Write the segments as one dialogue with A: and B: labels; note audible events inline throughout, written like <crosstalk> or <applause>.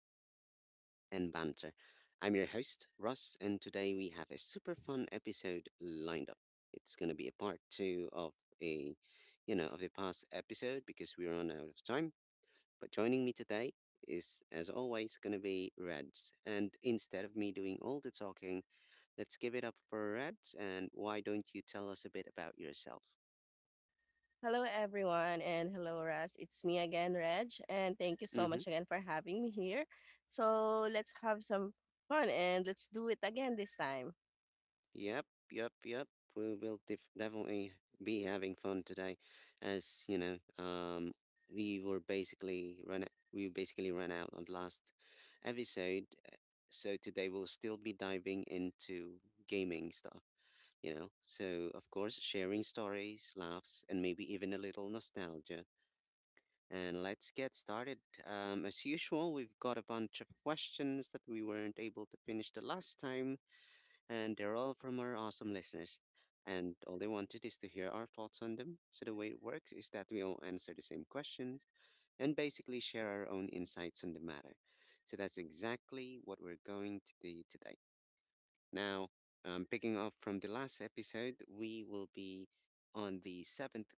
A: discussions and banter. I'm your host, Russ, and today we have a super fun episode lined up. It's going to be a part two of a, of the past episode because we run out of time. But joining me today is, as always, going to be Reds. And instead of me doing all the talking, let's give it up for Reds. And why don't you tell us a bit about yourself?
B: Hello, everyone, and hello, Raz. It's me again, Reg, and thank you so
A: Mm-hmm.
B: much again for having me here. So let's have some fun and let's do it again this time.
A: Yep, yep, yep. We will definitely be having fun today, as you know. We were basically run. We basically ran out on last episode, so today we'll still be diving into gaming stuff. You know, so of course, sharing stories, laughs, and maybe even a little nostalgia. And let's get started. As usual, we've got a bunch of questions that we weren't able to finish the last time and they're all from our awesome listeners. And all they wanted is to hear our thoughts on them. So the way it works is that we all answer the same questions and basically share our own insights on the matter. So that's exactly what we're going to do today. Now, picking up from the last episode, we will be on the seventh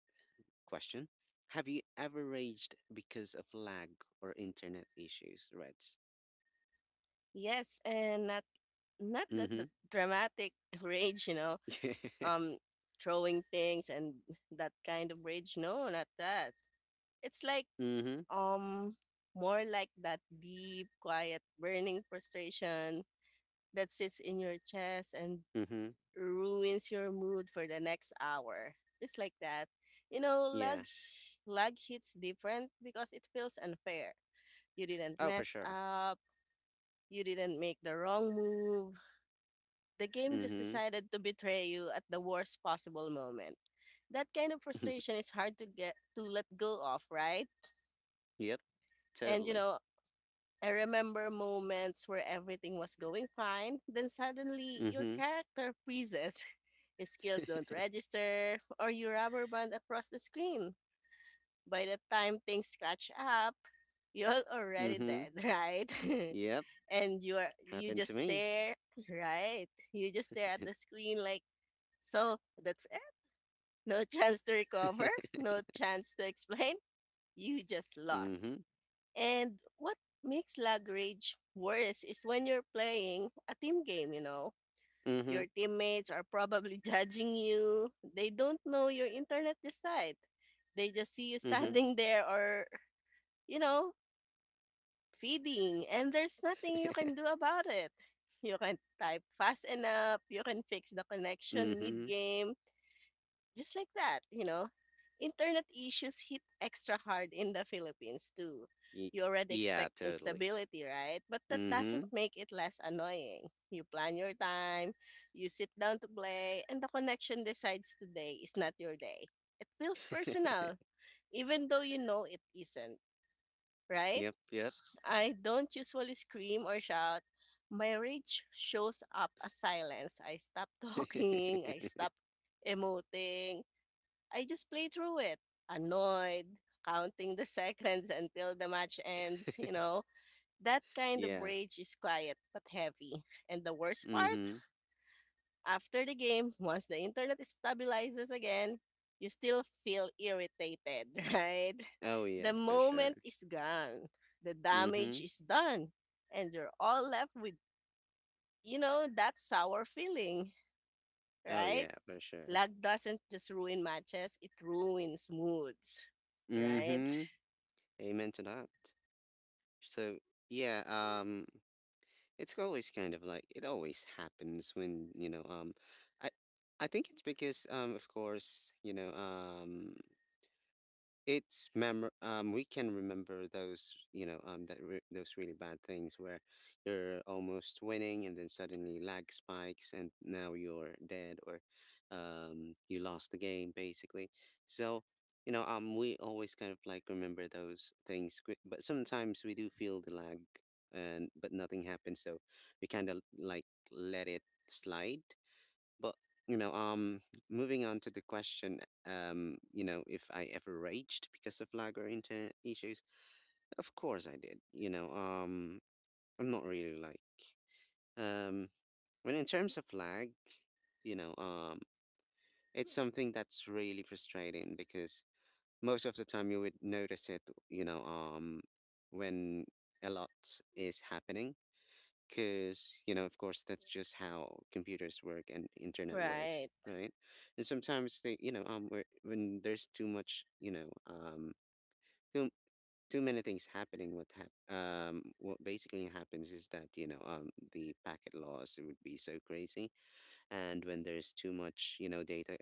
A: question. Have you ever raged because of lag or internet issues, Reds?
B: Yes, and not that
A: Mm-hmm.
B: the dramatic <laughs> rage, you know,
A: <laughs> Yeah.
B: um, throwing things and that kind of rage. No, not that. It's like
A: Mm-hmm.
B: um more like that deep, quiet, burning frustration that sits in your chest and
A: Mm-hmm.
B: ruins your mood for the next hour. Just like that. You know, lag
A: Yeah.
B: lag hits different because it feels unfair. You didn't
A: Oh, for
B: mess
A: sure.
B: up, you didn't make the wrong move. The game just
A: Mm-hmm.
B: decided to betray you at the worst possible moment. That kind of
A: <laughs>
B: frustration is hard to get to let go of, right?
A: Yep,
B: And you
A: totally.
B: know, I remember moments where everything was going fine, then suddenly your
A: Mm-hmm.
B: character freezes. <laughs> His skills don't register, or you rubber band across the screen. By the time things catch up, <laughs> you're already
A: Mm-hmm.
B: dead, right?
A: Yep.
B: <laughs> And you
A: Happened to
B: just
A: me.
B: stare, <laughs> right? You just stare at the screen like, so that's it. No <laughs> chance to recover,
A: <laughs>
B: no chance to explain. You just lost.
A: Mm-hmm.
B: And what makes lag rage worse is when you're playing a team game, you know.
A: Mm-hmm.
B: Your teammates are probably <laughs> judging you. They don't know your internet just. They just see you <laughs>
A: Mm-hmm.
B: standing there or, you know, feeding, and there's nothing you can do about it. You can type fast enough, you can fix the
A: <laughs>
B: connection mid
A: Mm-hmm.
B: game, just like that, you know. Internet issues hit extra hard in the Philippines too.
A: Y-
B: You already
A: yeah,
B: expect
A: totally.
B: instability, right? But that doesn't
A: Mm-hmm.
B: make it less annoying. You plan your time, you sit down to play, and the connection decides today is not your day. It feels
A: <laughs>
B: personal, even though you know it isn't, right?
A: Yep, yep.
B: I don't usually scream or shout. My rage shows up as silence. I stop <laughs> talking, I stop emoting, I just play through it, annoyed, counting the <laughs> seconds until the match ends, you
A: <laughs>
B: know. That kind of
A: Yeah.
B: rage is quiet but heavy. And the worst part,
A: Mm-hmm.
B: after the game, <laughs> once the internet stabilizes again, you still feel irritated, <laughs> right?
A: Oh
B: The
A: yeah, for sure.
B: moment is gone, the damage
A: Mm-hmm.
B: is done, and you're all left with, you know, that sour feeling,
A: Oh
B: right?
A: yeah, for sure.
B: Lag doesn't just ruin matches, it ruins moods, right?
A: Mm-hmm. Amen to that. So yeah, it's always kind of like it always happens when, you know, i I think it's because, of course, you know, it's mem we can remember those, you know, that re those really bad things where you're almost winning and then suddenly lag spikes and now you're dead, or you lost the game basically. So you know, we always kind of like remember those things, but sometimes we do feel the lag and but nothing happens, so we kind of like let it slide. But you know, moving on to the question, you know, if I ever raged because of lag or internet issues, of course I did. You know, I'm not really like, um, when in terms of lag, you know, it's something that's really frustrating because most of the time you would notice it, you know, when a lot is happening, because you know of course that's just how computers work and internet works,
B: Right,
A: right? And sometimes they, you know, when there's too much, you know, too too many things happening, what basically happens is that, you know, the packet loss would be so crazy. And when there's too much, you know, data,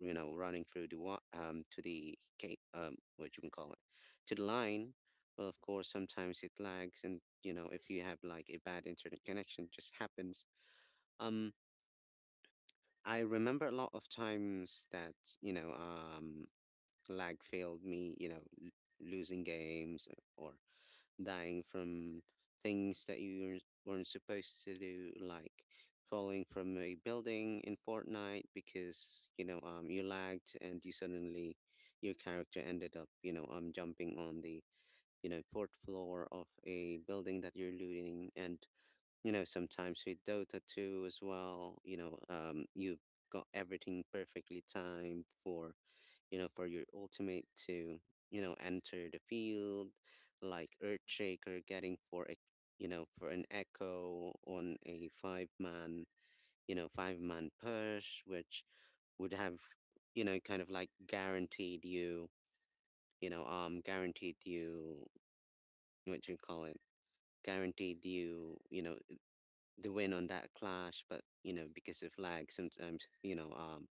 A: you know, running through the, to the, what you can call it, to the line. Well, of course sometimes it lags, and you know if you have like a bad internet connection, it just happens. um I remember a lot of times that, you know, lag failed me, you know, losing games or dying from things that you weren't supposed to do, like falling from a building in Fortnite because you know you lagged and you suddenly, your character ended up, you know, jumping on the, you know, fourth floor of a building that you're looting. And you know, sometimes with Dota 2 as well, you know, you got everything perfectly timed for, you know, for your ultimate to, you know, enter the field, like Earthshaker getting for a, you know, for an echo on a five man, you know, five-man push, which would have, you know, kind of like guaranteed you, you know, what do you call it? Guaranteed you, you know, the win on that clash. But you know, because of lag, sometimes, you know,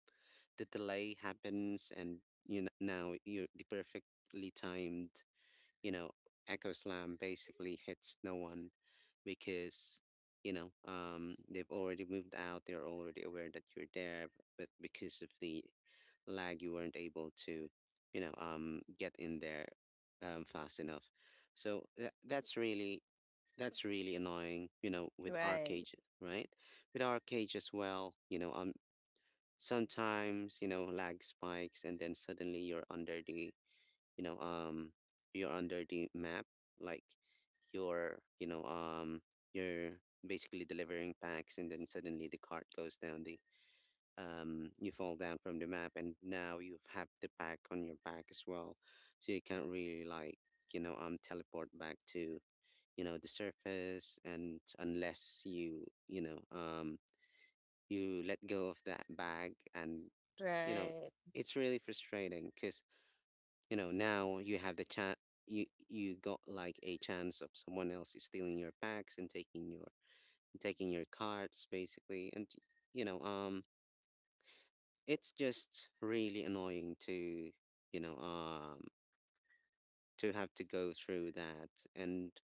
A: the delay happens and you know now you the perfectly timed, you know, echo slam basically hits no one, because you know they've already moved out, they're already aware that you're there. But because of the lag, you weren't able to, you know, get in there fast enough. So that's really, that's really annoying, you know, with our
B: right,
A: cages, right? With our cage as well, you know, sometimes, you know, lag spikes and then suddenly you're under the, you know, you're under the map. Like you're, you know, you're basically delivering packs and then suddenly the cart goes down the, you fall down from the map and now you have the pack on your back as well, so you can't really like, you know, teleport back to, you know, the surface, and unless you, you know, you let go of that bag. And you know
B: right,
A: it's really frustrating because, you know, now you have the chat, you got like a chance of someone else is stealing your packs and taking your, taking your cards basically. And you know, it's just really annoying to, you know, to have to go through that. And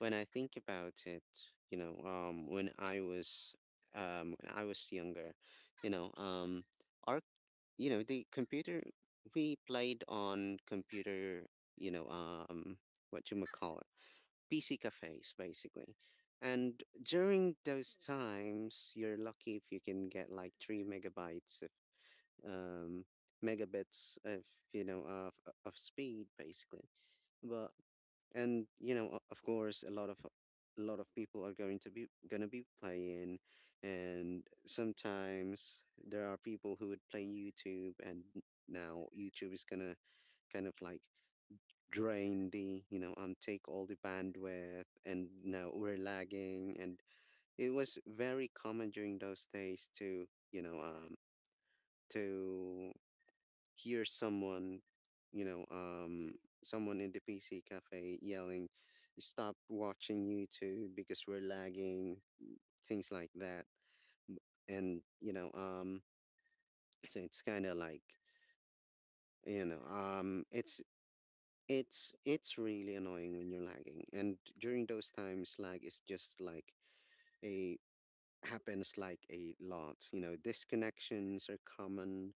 A: when I think about it, you know, when I was younger, you know, our, you know, the computer, we played on computer, you know, what you might call it, PC cafes basically. And during those times you're lucky if you can get like 3 megabytes of, um megabits of, you know, of speed basically. But, and you know, of course a lot of, a lot of people are going to be, going to be playing, and sometimes there are people who would play YouTube, and now YouTube is going to kind of like drain the, you know, take all the bandwidth, and now we're lagging. And it was very common during those days to, you know, to hear someone, you know, someone in the PC cafe yelling, "Stop watching YouTube because we're lagging," things like that. M- And you know, so it's kind of like, you know, it's really annoying when you're lagging. And during those times, lag is just like a happens like a lot. You know, disconnections are common.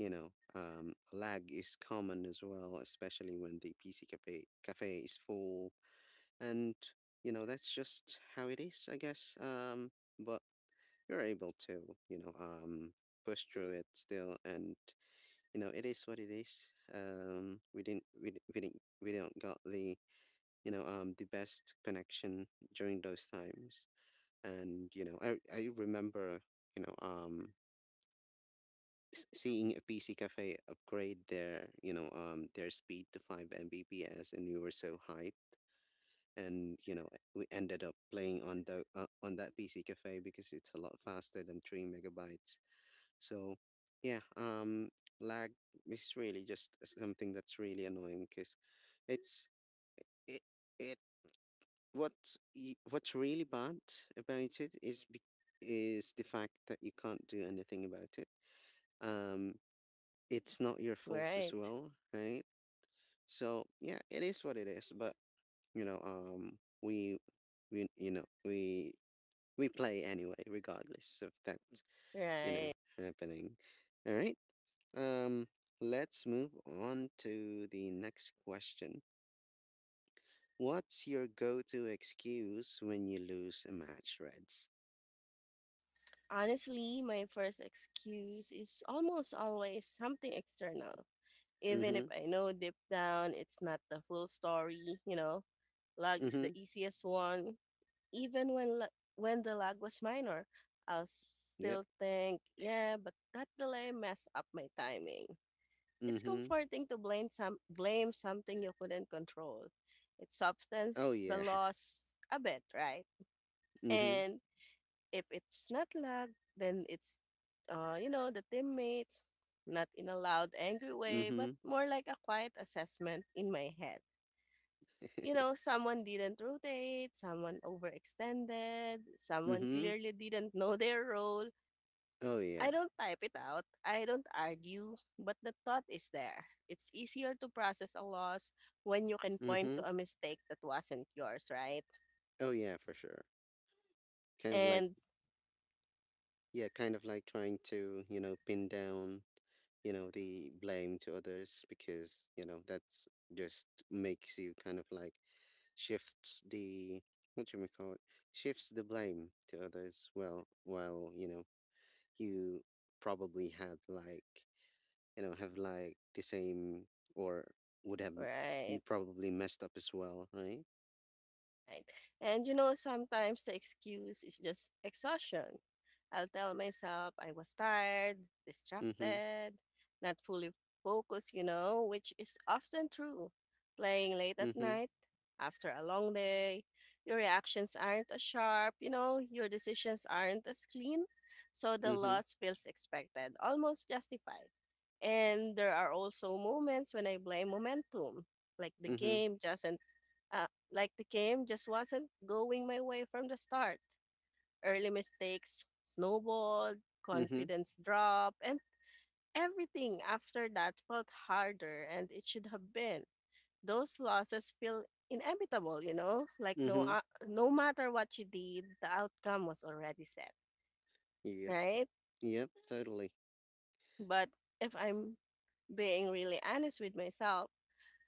A: You know, lag is common as well, especially when the PC cafe is full, and you know that's just how it is, I guess. But you're able to, you know, push through it still, and you know it is what it is. We didn't, we, di- we didn't, We don't got the, you know, the best connection during those times. And you know, I remember, you know, seeing a PC cafe upgrade their, you know, their speed to 5 Mbps, and we were so hyped. And you know, we ended up playing on the on that PC cafe because it's a lot faster than 3 megabytes. So, yeah, lag is really just something that's really annoying because it's it it, what's really bad about it is the fact that you can't do anything about it. Um, it's not your fault as
B: right,
A: well, right? So yeah, it is what it is. But you know, we you know we we play anyway, regardless of that, you know,
B: right.
A: happening. All right. Um, let's move on to the next question. What's your go-to excuse when you lose a match, Reds?
B: Honestly, my first excuse is almost always something external, even if
A: Mm-hmm.
B: I know deep down it's not the full story, you know. Lag is the
A: Mm-hmm.
B: easiest one. Even when the lag was minor, I'll
A: Yep.
B: still think, yeah, but that delay messed up my timing. It's
A: Mm-hmm.
B: comforting to blame something you couldn't control. It
A: Oh
B: softens the
A: yeah. <laughs>
B: loss a bit, right?
A: Mm-hmm.
B: And if it's not luck, then it's you know, the teammates, not in a loud, angry way,
A: Mm-hmm.
B: but more like a quiet assessment in my head. You know, someone didn't rotate, someone overextended,
A: <laughs>
B: someone
A: Mm-hmm.
B: clearly didn't know their role.
A: Oh yeah.
B: I don't type it out. I don't argue, but the thought is there. It's easier to process a loss when you can point
A: Mm-hmm.
B: to a mistake that wasn't yours, right?
A: Oh yeah, for sure. Kind of like,
B: And
A: yeah, kind of like trying to, you know, pin down, you know, the blame to others, because you know that's just makes you kind of like shifts the, what do you call it, shifts the blame to others, well while you know you probably had like, you know, have like the same, or would have, you
B: right.
A: probably messed up as well, right?
B: Right. And you know, sometimes the excuse is just exhaustion. I'll tell myself I was tired,
A: Mm-hmm.
B: distracted, not fully focused, you know, which is often true. Playing late at
A: Mm-hmm.
B: night, after a long day, your reactions aren't as sharp, you know, your decisions aren't as clean. So the
A: Mm-hmm.
B: loss feels expected, almost justified. And there are also moments when I blame momentum, like the
A: Mm-hmm.
B: game just like the game just wasn't going my way from the start. Early mistakes snowballed,
A: Mm-hmm.
B: confidence dropped, and everything after that felt harder and it should have been. Those losses feel inevitable, you know? Like
A: Mm-hmm.
B: no matter what you did, the outcome was already set,
A: Yeah.
B: right?
A: Yep, totally.
B: But if I'm being really honest with myself,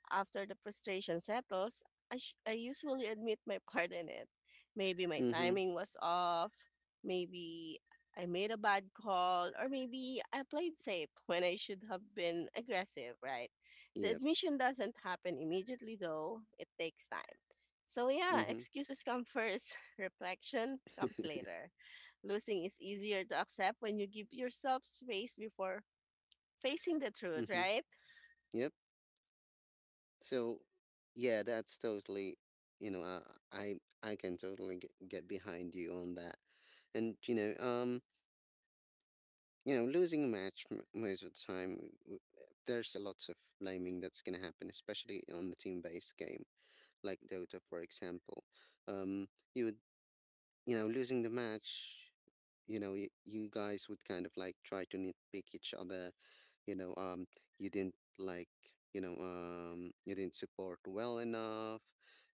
B: after the frustration settles, I usually admit my part in it. Maybe my
A: Mm-hmm.
B: timing was off, maybe I made a bad call, or maybe I played safe when I should have been aggressive, right? The
A: Yep.
B: admission doesn't happen immediately, though, it takes time. So, yeah,
A: Mhm.
B: excuses come first, <laughs> reflection comes
A: <laughs>
B: later. Losing is easier to accept when you give yourself space before facing the truth,
A: Mhm.
B: right?
A: Yep. So, yeah, that's totally, you know, I can totally get behind you on that. And you know, losing a match most of the time, there's a lot of blaming that's gonna happen, especially on the team-based game like Dota, for example. Um, you would, you know, losing the match, you know, you guys would kind of like try to nitpick each other. You know, you didn't like, you know, you didn't support well enough.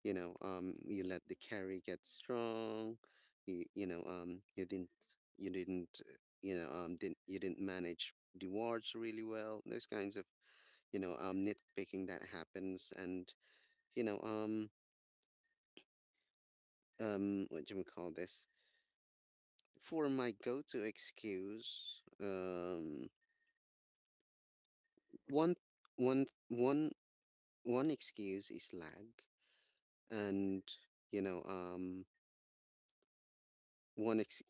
A: You know, you let the carry get strong. You, you know, um, you didn't, you didn't, uh, you didn't manage the wards really well. Those kinds of, nitpicking that happens. And you know, um, what do we call this? For my go-to excuse, one one one one excuse is lag. And you know, um, one ex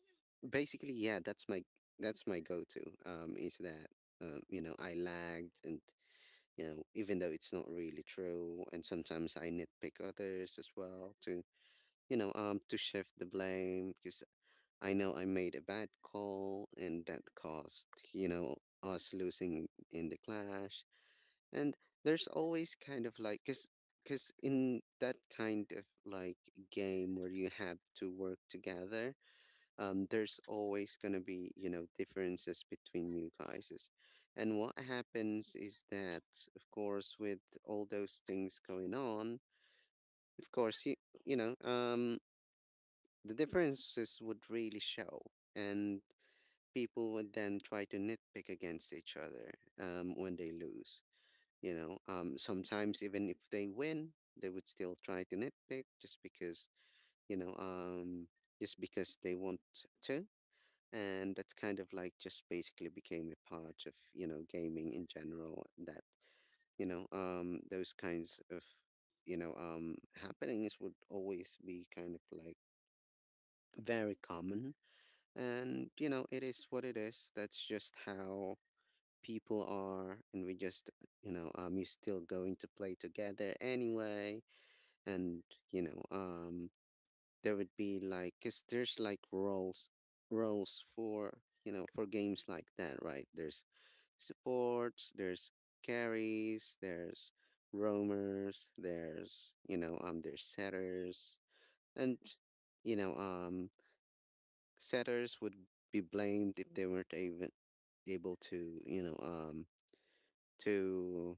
A: basically, yeah, that's my go-to. Is that, I lagged, and even though it's not really true. And sometimes I nitpick others as well to, to shift the blame, because I know I made a bad call, and that cost us losing in the clash. And there's always kind of like, cause, in that kind of like game where you have to work together. There's always gonna be, differences between you guys. And what happens is that, of course, with all those things going on, of course, you know, um, the differences would really show. And people would then try to nitpick against each other when they lose. Sometimes even if they win, they would still try to nitpick just because, you know, um, just because they want to. And that's kind of like just basically became a part of gaming in general. That, those kinds of happenings would always be kind of like very common. And it is what it is. That's just how people are, and we just, you're still going to play together anyway. And you know um there would be like, because there's like roles, for, for games like that, right? There's supports, there's carries, there's roamers, there's, setters. And you know um setters would be blamed if they weren't even able to, to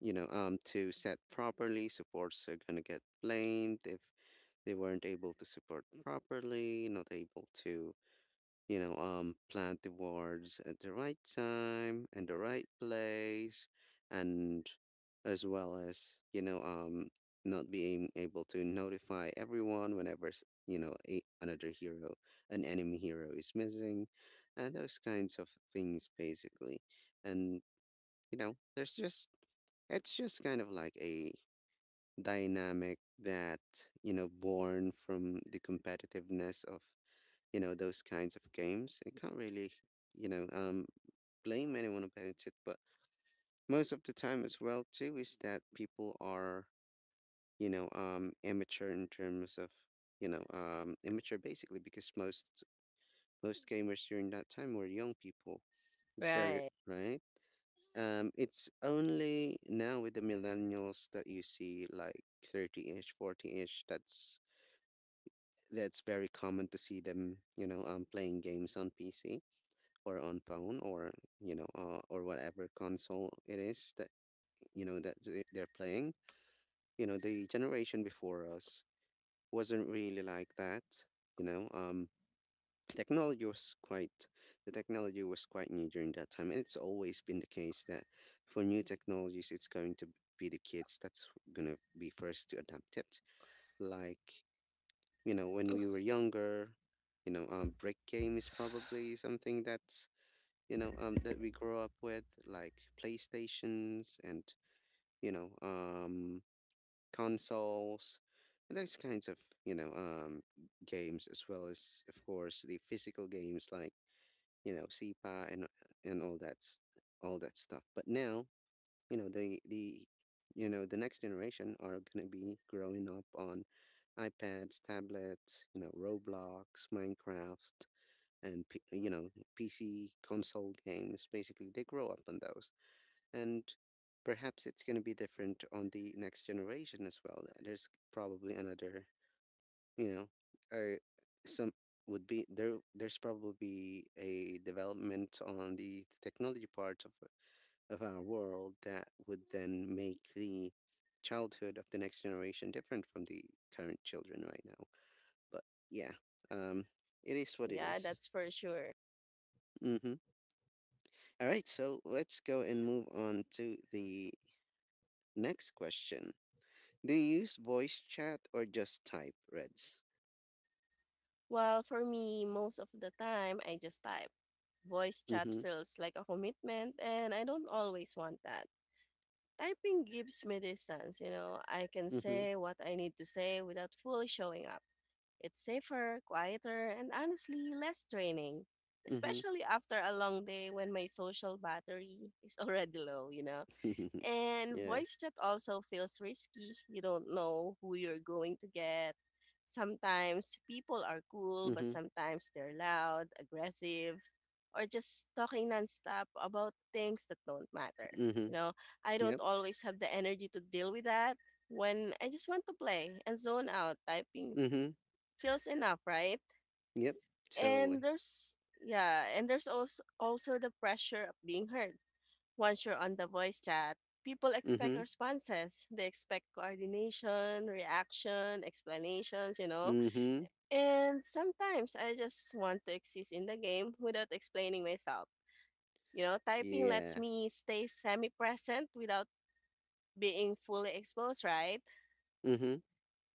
A: to set properly. Supports are gonna get blamed if they weren't able to support properly, not able to, plant the wards at the right time and the right place, and as well as, not being able to notify everyone whenever another hero, an enemy hero is missing, and those kinds of things basically. And there's just it's just kind of like a dynamic that, born from the competitiveness of, those kinds of games. I can't really, you know, um, blame anyone about it. But most of the time as well too is that people are, immature in terms of, immature basically, because most gamers during that time were young people. It's very.
B: Right.
A: Right. It's only now with the millennials that you see like 30-ish, 40-ish. That's very common to see them, playing games on PC or on phone, or, or whatever console it is that that they're playing. The generation before us wasn't really like that. You know, technology was quite the technology was quite new during that time, and it's always been the case that for new technologies it's going to be the kids that's going to be first to adapt it. Like, when we were younger, brick game is probably something that's, that we grow up with, like Playstations and, you know um consoles, and those kinds of, you know um games, as well as of course the physical games like, SEPA, and all that stuff. But now, the the next generation are gonna be growing up on iPads, tablets, Roblox, Minecraft, and PC console games. Basically, they grow up on those, and perhaps it's going to be different on the next generation as well. There's probably another, you know or some would be there, there's probably a development on the technology part of our world that would then make the childhood of the next generation different from the current children right now. But yeah, um it is what it
B: Yeah,
A: is.
B: that's for sure.
A: Mm-hmm. All right, so let's go and move on to the next question. Do you use voice chat or just type, Reds?
B: Well, for me, most of the time, I just type. Voice chat
A: Mm-hmm.
B: feels like a commitment, and I don't always want that. Typing gives me distance, you know, I can
A: Mm-hmm.
B: say what I need to say without fully showing up. It's safer, quieter, and honestly, less draining,
A: Mm-hmm.
B: especially after a long day when my social battery is <laughs> already low, you know.
A: <laughs>
B: And
A: Yeah.
B: voice chat also feels risky. You don't know who you're going to get. Sometimes people are cool, but
A: Mm-hmm.
B: sometimes they're loud, aggressive, or just talking nonstop about things that don't matter. You
A: Mhm.
B: know, I don't
A: Yep.
B: always have the energy to deal with that when I just want to play and zone out. Typing
A: Mhm.
B: feels enough, right?
A: Yep.
B: And
A: Totally.
B: there's yeah, and there's also the pressure of being heard once you're on the voice chat, people expect
A: Mhm.
B: responses. They expect coordination, reaction, explanations, you know.
A: Mhm.
B: And sometimes I just want to exist in the game without explaining myself. You know, typing lets
A: Yeah.
B: me stay semi present without being fully exposed, right?
A: Mhm.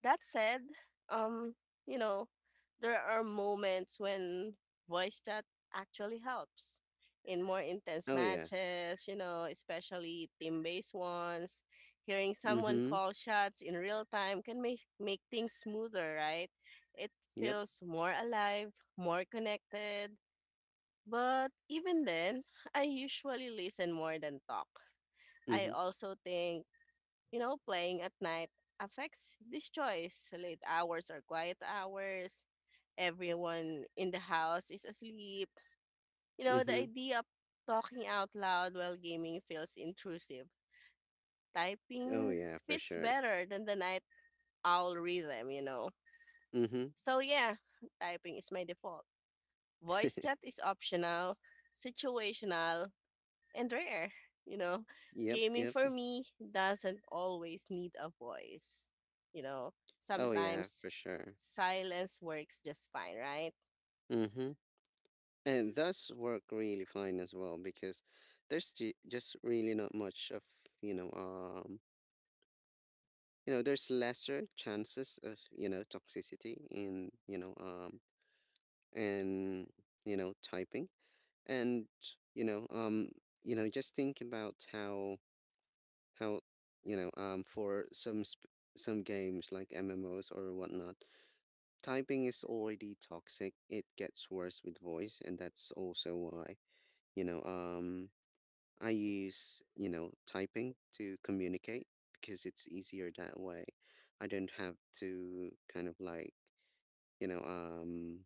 B: That said, um, you know, there are moments when voice chat actually helps in more intense
A: Oh yeah.
B: matches, you know, especially team based ones. Hearing someone
A: Mhm.
B: call shots in real time can make things smoother, right? It
A: Yep.
B: feels more alive, more connected. But even then, I usually listen more than talk. I
A: Mhm.
B: also think you know, playing at night affects this choice. Late hours or quiet hours, everyone in the house is asleep. You know, the
A: Mhm.
B: idea of talking out loud while gaming feels intrusive.
A: Oh
B: Typing
A: yeah, for
B: fits
A: sure.
B: better than the night owl rhythm, you know.
A: Mhm.
B: So, yeah, typing is my default. Voice chat
A: <laughs>
B: is optional, situational, and rare. You know,
A: Yep.
B: gaming
A: Yep.
B: for me doesn't always need a voice. You know,
A: Oh yeah,
B: sometimes
A: for sure.
B: silence works just fine, right?
A: Mhm. And those work really fine as well, because there's just really not much of, you know um there's lesser chances of, you know toxicity, in you know and typing, and, you know um just think about how how for some some games like MMOs or whatnot, typing is already toxic. It gets worse with voice, and that's also why, you know um I use, typing to communicate, because it's easier that way. I don't have to kind of like you know um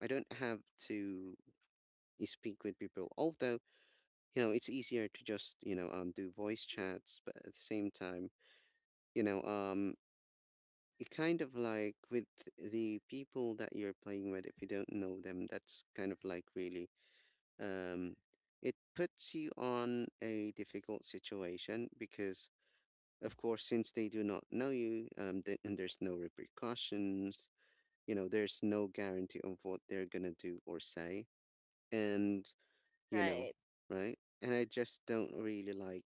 A: I don't have to speak with people. Although, it's easier to just, do voice chats, but at the same time, you know um it kind of like, with the people that you're playing with, if you don't know them, that's kind of like really um it puts you on a difficult situation, because of course, since they do not know you, and there's no repercussions, there's no guarantee of what they're gonna do or say. And, you know
B: Right,
A: right. And I just don't really like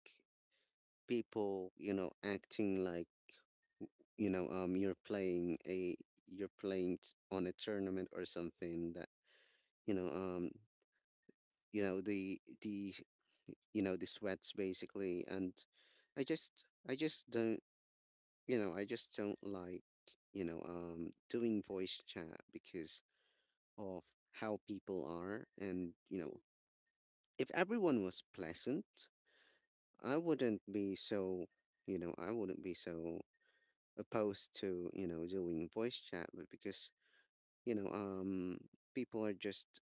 A: people, acting like, you know, um you're playing a you're playing on a tournament or something, that, you know, um the, the sweats basically. And I just don't, like, doing voice chat, because of how people are. And, if everyone was pleasant, I wouldn't be so, you know I wouldn't be so opposed to, doing voice chat. But because, you know um people are just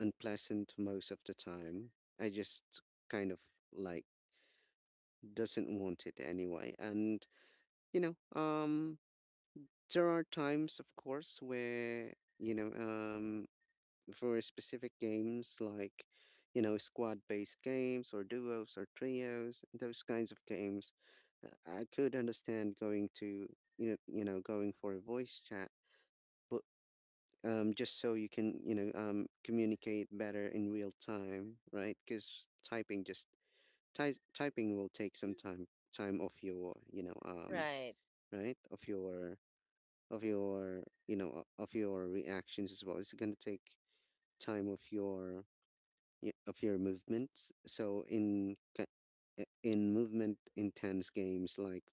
A: unpleasant most of the time, I just kind of like doesn't want it anyway. And, you know um there are times, of course, where, you know um for specific games like, squad based games or duos or trios, those kinds of games, I could understand going to going for a voice chat. But. Just so you can, communicate better in real time, right? Because typing just typing will take some time of your,
B: right.
A: right, of your of your reactions as well. It's gonna take time of your of your movements. So in movement intense games like,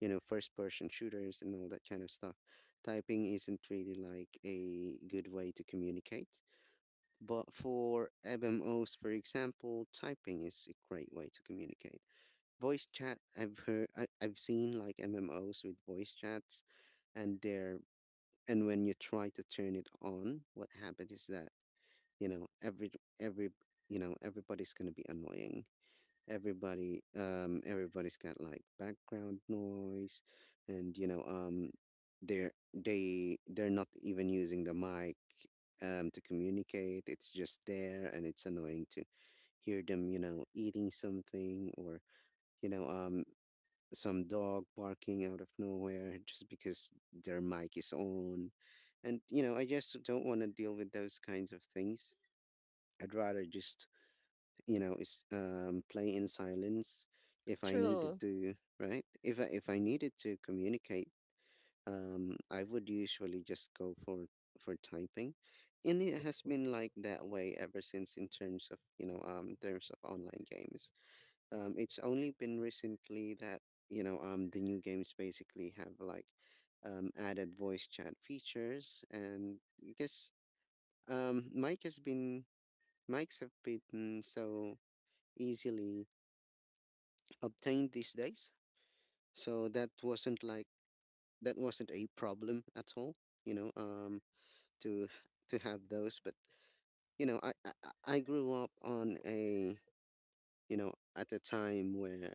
A: first person shooters and all that kind of stuff, typing isn't really like a good way to communicate. But for MMOs, for example, typing is a great way to communicate. Voice chat, I've heard, I've seen like MMOs with voice chats, and they're and when you try to turn it on, what happens is that, you know every every, everybody's gonna be annoying. Everybody's got like background noise, and, they're not even using the mic to communicate, it's just there, and it's annoying to hear them, eating something, or, you know um some dog barking out of nowhere, just because their mic is on. And, I just don't want to deal with those kinds of things. I'd rather just, is play in silence if I needed
B: True.
A: to, right? If if I needed to communicate, I would usually just go for typing. And it has been like that way ever since, in terms of, online games. It's only been recently that, the new games basically have like, added voice chat features, and because, mike has been mics have been so easily obtained these days. So that wasn't a problem at all, you know, um to have those. But, I grew up on a at a time where,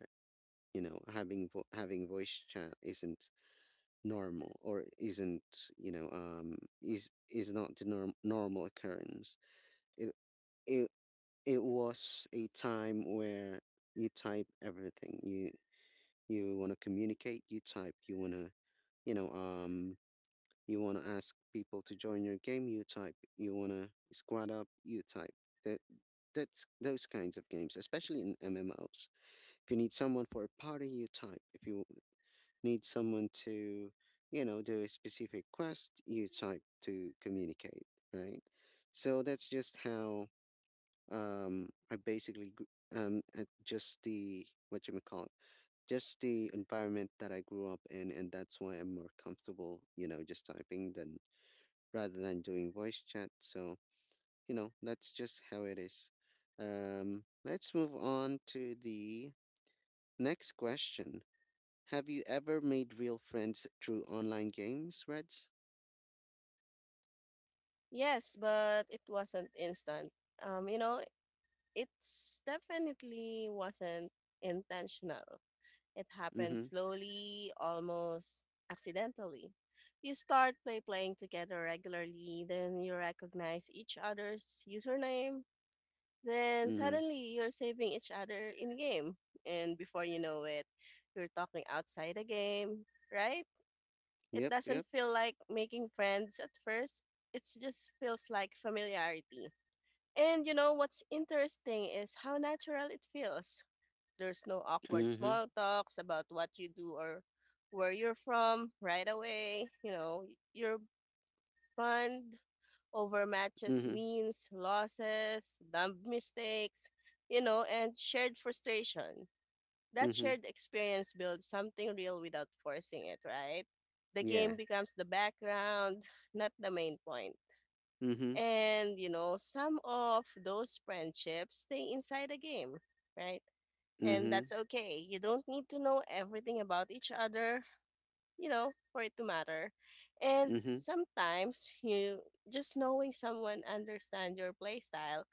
A: having voice chat isn't normal, or isn't, is not the normal occurrence. It it it was a time where you type everything you want to communicate, you type. You want to you know um you want to ask people to join your game, you type. You want to squad up, you type. That that's those kinds of games, especially in MMOs. If you need someone for a party, you type. If you need someone to do a specific quest, you type, to communicate, right? So that's just how, um i basically gr- at just the what you may call it just the environment that I grew up in, and that's why I'm more comfortable, just typing, than rather than doing voice chat. So, that's just how it is. Let's move on to the next question. Have you ever made real friends through online games, Reds?
B: Yes, but it wasn't instant. You know, it's definitely wasn't intentional. It happened
A: Mm-hmm.
B: slowly, almost accidentally. You start by playing together regularly, then you recognize each other's username. Then
A: Mm-hmm.
B: suddenly you're saving each other in game. And before you know it, you're talking outside the game, right? It
A: Yep,
B: doesn't
A: yep.
B: feel like making friends at first. It just feels like familiarity. And you know what's interesting is how natural it feels. There's no awkward
A: Mm-hmm.
B: small talks about what you do or where you're from right away. You know, your bond over matches
A: Mm-hmm.
B: wins, losses, dumb mistakes, you know, and shared frustration. That
A: Mm-hmm.
B: shared experience builds something real without forcing it, right? The
A: Yeah.
B: game becomes the background, <sighs> not the main point.
A: Mm-hmm.
B: And, you know, some of those friendships stay inside the game, right? And
A: Mm-hmm.
B: that's okay. You don't need to know everything about each other, you know, for it to matter. And
A: Mm-hmm.
B: sometimes you just knowing someone understand your playstyle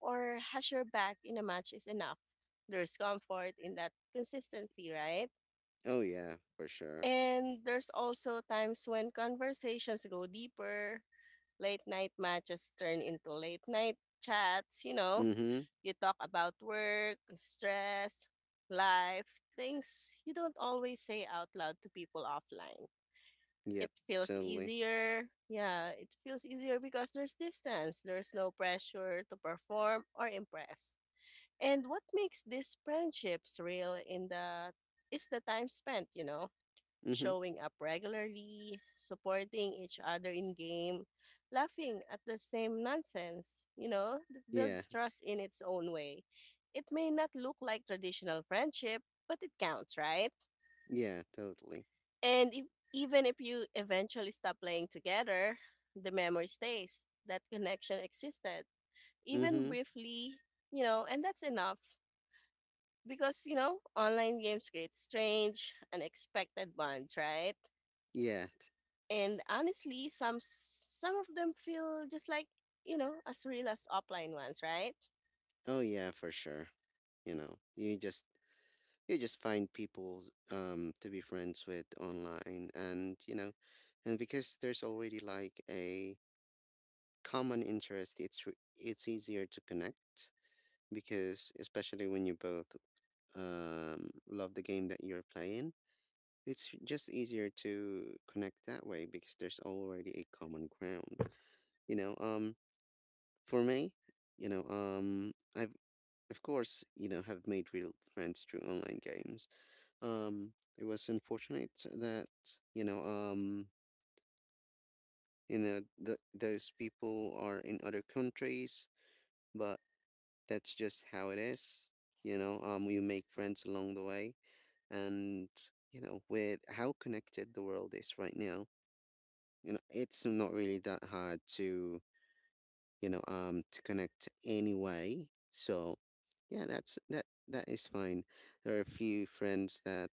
B: or has your back in a match is enough. There's comfort in that consistency, right?
A: Oh yeah, for sure.
B: And there's also times when conversations go deeper, late night matches turn into late night chats, you know.
A: Mm-hmm.
B: You talk about work, stress, life, things you don't always say out loud to people offline. It
A: Yep,
B: feels
A: totally.
B: easier. Yeah, it feels easier because there's distance, there's no pressure to perform or impress. And what makes these friendships real in the is the time spent, you know,
A: Mm-hmm.
B: showing up regularly, supporting each other in game, laughing at the same nonsense, you know, that
A: Yeah.
B: builds trust in its own way. It may not look like traditional friendship, but it counts, right?
A: Yeah, totally.
B: And if, even if you eventually stop playing together, the memory stays. That connection existed, even
A: Mm-hmm.
B: briefly, you know, and that's enough. Because, you know, online games create strange, unexpected bonds, right?
A: Yeah.
B: And honestly, some of them feel just like, you know, as real as offline ones, right?
A: Oh yeah, for sure. You know, you just you just find people to be friends with online. And because there's already like a common interest, it's easier to connect, because especially when you both love the game that you're playing, it's just easier to connect that way because there's already a common ground. You know, um for me, I've, of course, have made real friends through online games. It was unfortunate that, you know, um, those people are in other countries, but that's just how it is. We make friends along the way, and, with how connected the world is right now, it's not really that hard to you know to connect anyway. So yeah, that is fine. There are a few friends that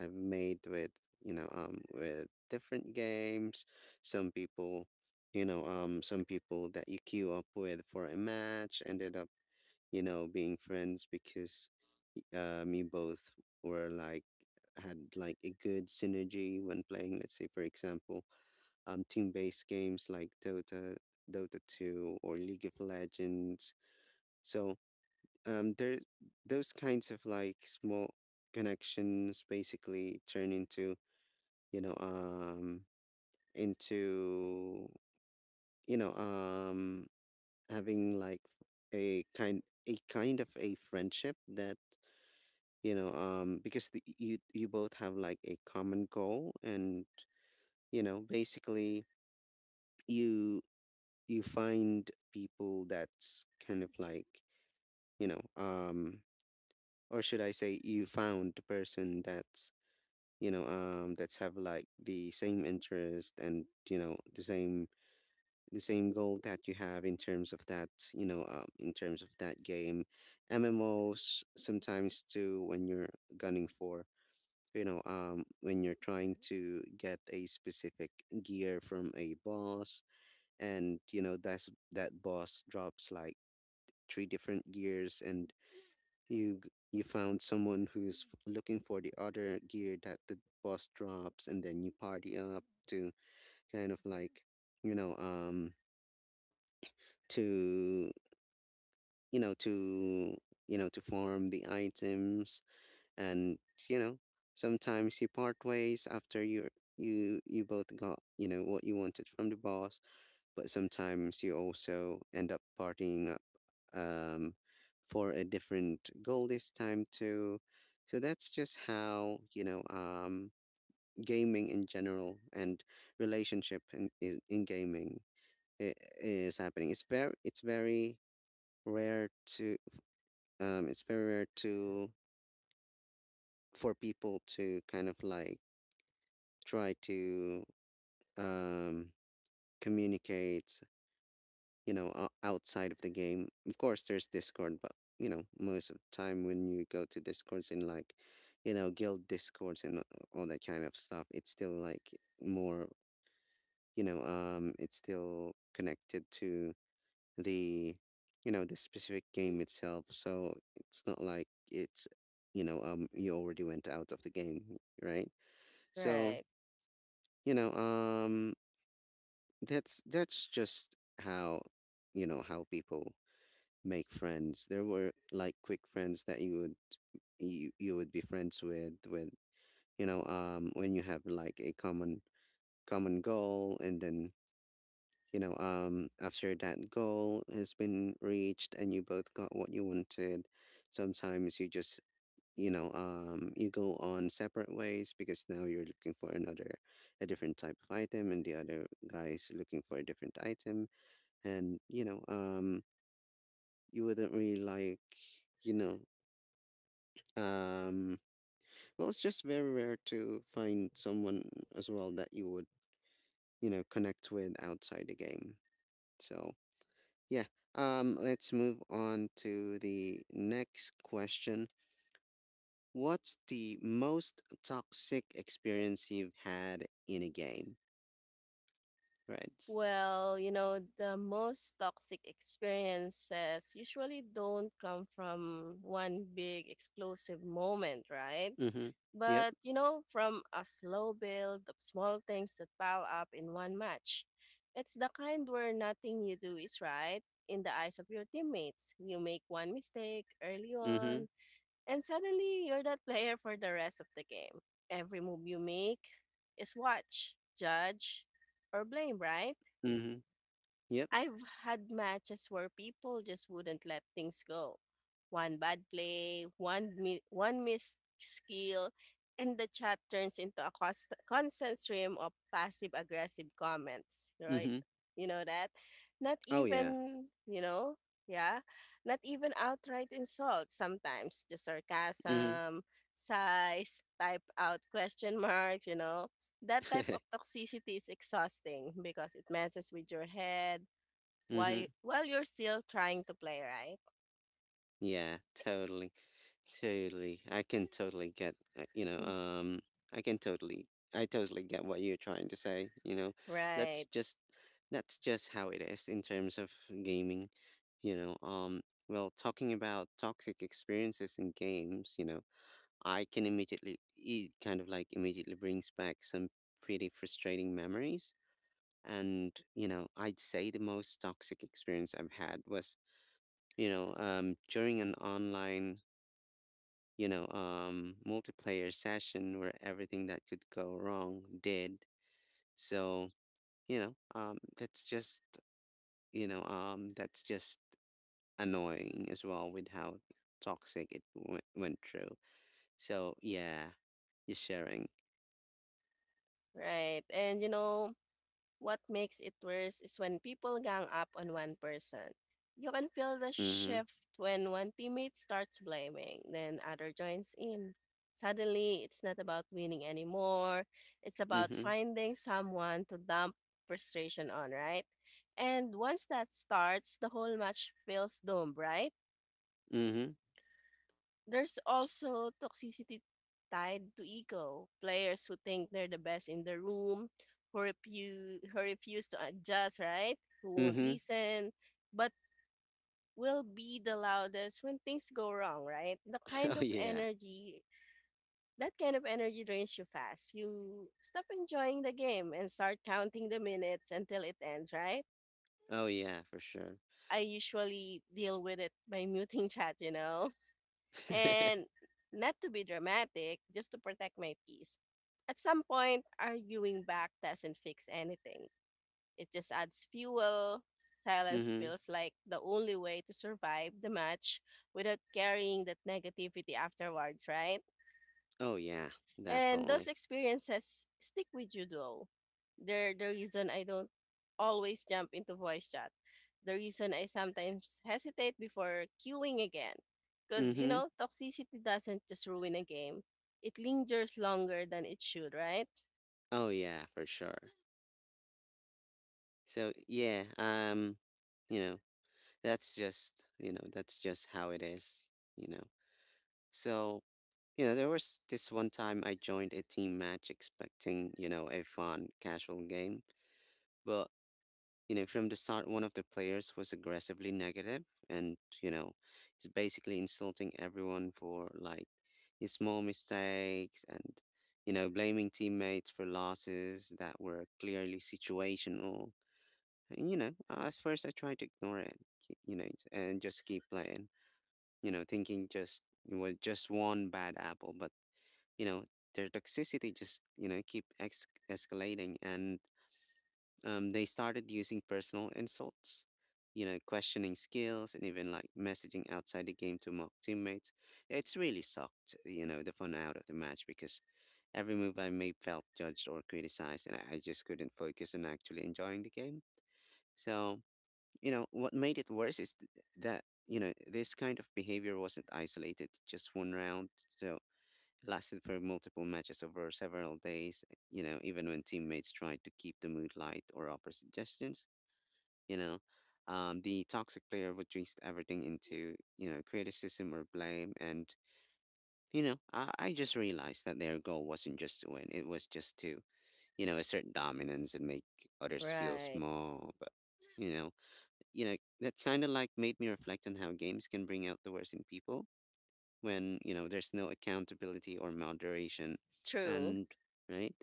A: I've made with you know with different games. Some people you know um some people that you queue up with for a match ended up, being friends, because you both were like had like a good synergy when playing. Let's say, for example, team-based games like Dota, Dota 2, or League of Legends. So um, there, those kinds of like small connections basically turn you know um into you know um having like a kind a kind of a friendship that, because you both have like a common goal. And basically you you find people that's kind of like, you know um or should I say, you found the person that's, that's have like the same interest, and the same goal that you have in terms of that, in terms of that game. MMOs sometimes too, when you're gunning for you know when you're trying to get a specific gear from a boss. And that boss drops like three different gears. And you found someone who's looking for the other gear that the boss drops, and then you party up to kind of like, you know um to you know to to farm the items. And you know sometimes you part ways after you both got what you wanted from the boss. But sometimes you also end up partying up, um, for a different goal this time too. So that's just how, gaming in general and relationship in is in gaming i- is happening. It's very rare to, um, it's very rare to for people to kind of like try to, um, communicate, outside of the game. Of course there's Discord, but most of the time when you go to Discords, in like, guild Discords, and all that kind of stuff, it's still like more, it's still connected to the you know the specific game itself. So it's not like it's, you already went out of the game, right? So,
B: Right.
A: you know um that's just how you know how people make friends. There were like quick friends that you would be friends with when you have like a common goal, and then, after that goal has been reached and you both got what you wanted, sometimes you just, you go on separate ways, because now you're looking for another, a different type of item, and the other guy is looking for a different item. And you wouldn't really like, you know Um, well, it's just very rare to find someone as well that you would, connect with outside the game. So, yeah. Let's move on to the next question. What's the most toxic experience you've had in a game? Right.
B: Well, you know, the most toxic experiences usually don't come from one big explosive moment, right?
A: Mm-hmm. Yep.
B: But, you know, from a slow build of small things that pile up in one match. It's the kind where nothing you do is right in the eyes of your teammates. You make one mistake early
A: Mm-hmm.
B: on, and suddenly you're that <laughs> player for the rest of the game. Every move you make is watch, judge, or blame, right?
A: Mm-hmm. Yep.
B: I've had matches where people just wouldn't let things go. One bad play, one missed skill, and the chat turns into a constant stream of passive aggressive comments. Right?
A: Mm-hmm.
B: You know that? Not
A: Oh yeah.
B: even you know, yeah, Not even outright insults. Sometimes just
A: Mm-hmm.
B: sarcasm, sighs, type out question marks. You know. That type of
A: <laughs>
B: toxicity is exhausting because it messes with your head while
A: Mm-hmm.
B: while you're still trying to play, right?
A: Yeah, totally. Totally. I can totally get, I can totally, I totally get what you're trying to say. That's
B: Right,
A: just, that's just how it is in terms of gaming, you know. Um, well, talking about toxic experiences in games, it kind of like immediately brings back some pretty frustrating memories. And, I'd say the most toxic experience I've had was, during an online, multiplayer session where everything that could go wrong did. So, you know, um, that's just, that's just annoying as well with how toxic it went through. So, yeah, you're sharing.
B: right. And you know, what makes it worse is when people gang up on one person. You can feel the
A: Mm-hmm.
B: shift when one teammate starts blaming, then other joins in. Suddenly, it's not about winning anymore. It's about
A: Mm-hmm.
B: finding someone to dump frustration on, right? And once that starts, the whole match feels doomed, right?
A: Mm-hmm.
B: There's also toxicity tied to ego. Players who think they're the best in the room, who refuse to adjust, right? Who won't
A: Mm-hmm.
B: listen, but will be the loudest when things go wrong, right? The
A: <laughs>
B: kind
A: Oh,
B: of
A: yeah.
B: energy, that kind of energy drains you fast. You stop enjoying the game and start counting the minutes until it ends, right?
A: Oh, yeah, for sure.
B: I usually deal with it by muting <laughs> chat, you know?
A: <laughs>
B: And not to be dramatic, just to protect my peace. At some point, arguing back doesn't fix anything. It just adds fuel. Silence
A: Mm-hmm.
B: feels like the only way to survive the match without carrying that negativity afterwards, right?
A: Oh, yeah,
B: And those
A: definitely.
B: experiences stick with you though. They're the reason I don't always jump into voice chat. The reason I sometimes hesitate before queuing again. Because, you
A: Mm-hmm.
B: know, toxicity doesn't just ruin a game, it lingers longer than it should, right?
A: Oh, yeah, for sure. So, yeah, you know, that's just how it is, you know so you know, there was this one time I joined a team match expecting, a fun casual game. But, from the start, one of the players was aggressively negative. And, he's basically insulting everyone for like his small mistakes, and, blaming teammates for losses that were clearly situational. And, at first I tried to ignore it, you know and just keep playing, thinking just it was just one bad apple. But, you know, their toxicity just, keep escalating. And, they started using personal insults, questioning skills, and even like messaging outside the game to mock teammates. It's really sucked, the fun out of the match, because every move I made felt judged or criticized, and I just couldn't focus on actually enjoying the game. So, what made it worse is that, this kind of behavior wasn't isolated to just one round. So it lasted for multiple matches over several days, even when teammates tried to keep the mood light or offer suggestions, you know. The toxic player would twist everything into, criticism or blame. And, I just realized that their goal wasn't just to win, it was just to, assert dominance and make others feel
B: Right.
A: small. But, you know, that kind of like made me reflect on how games can bring out the worst in people when, there's no accountability or moderation.
B: True.
A: And, right?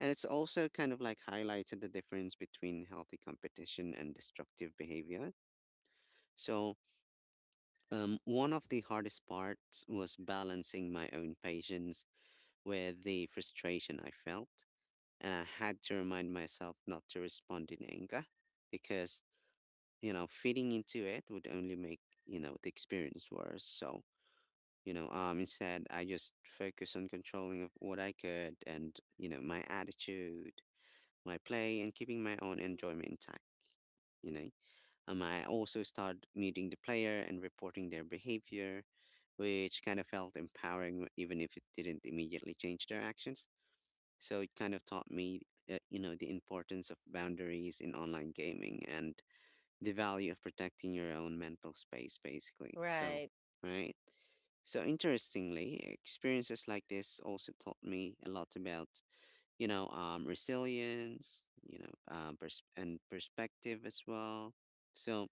A: And it's also kind of like highlighted the difference between healthy competition and destructive behavior. So, one of the hardest parts was balancing my own patience with the frustration I felt. And I had to remind myself not to respond in anger, because fitting into it would only make, the experience worse. So, instead, I just focus on controlling of what I could and, my attitude, my play, and keeping my own enjoyment intact. You know, I also started meeting the player and reporting their behavior, which kind of felt empowering, even if it didn't immediately change their actions. So it kind of taught me, the importance of boundaries in online gaming and the value of protecting your own mental space, basically. So,
B: Right.
A: right? So, interestingly, experiences like this also taught me a lot about, resilience, and perspective as well. So,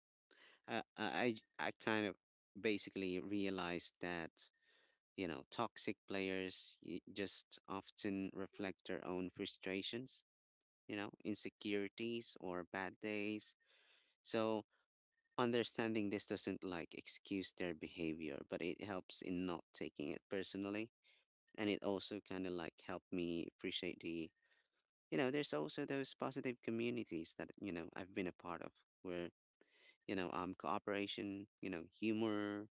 A: I kind of basically realized that, toxic players just often reflect their own frustrations, insecurities or bad days. So, understanding this doesn't like excuse their behavior, but it helps in not taking it personally. And it also kind of like helped me appreciate the, there's also those positive communities that, I've been a part of, where, cooperation, humor,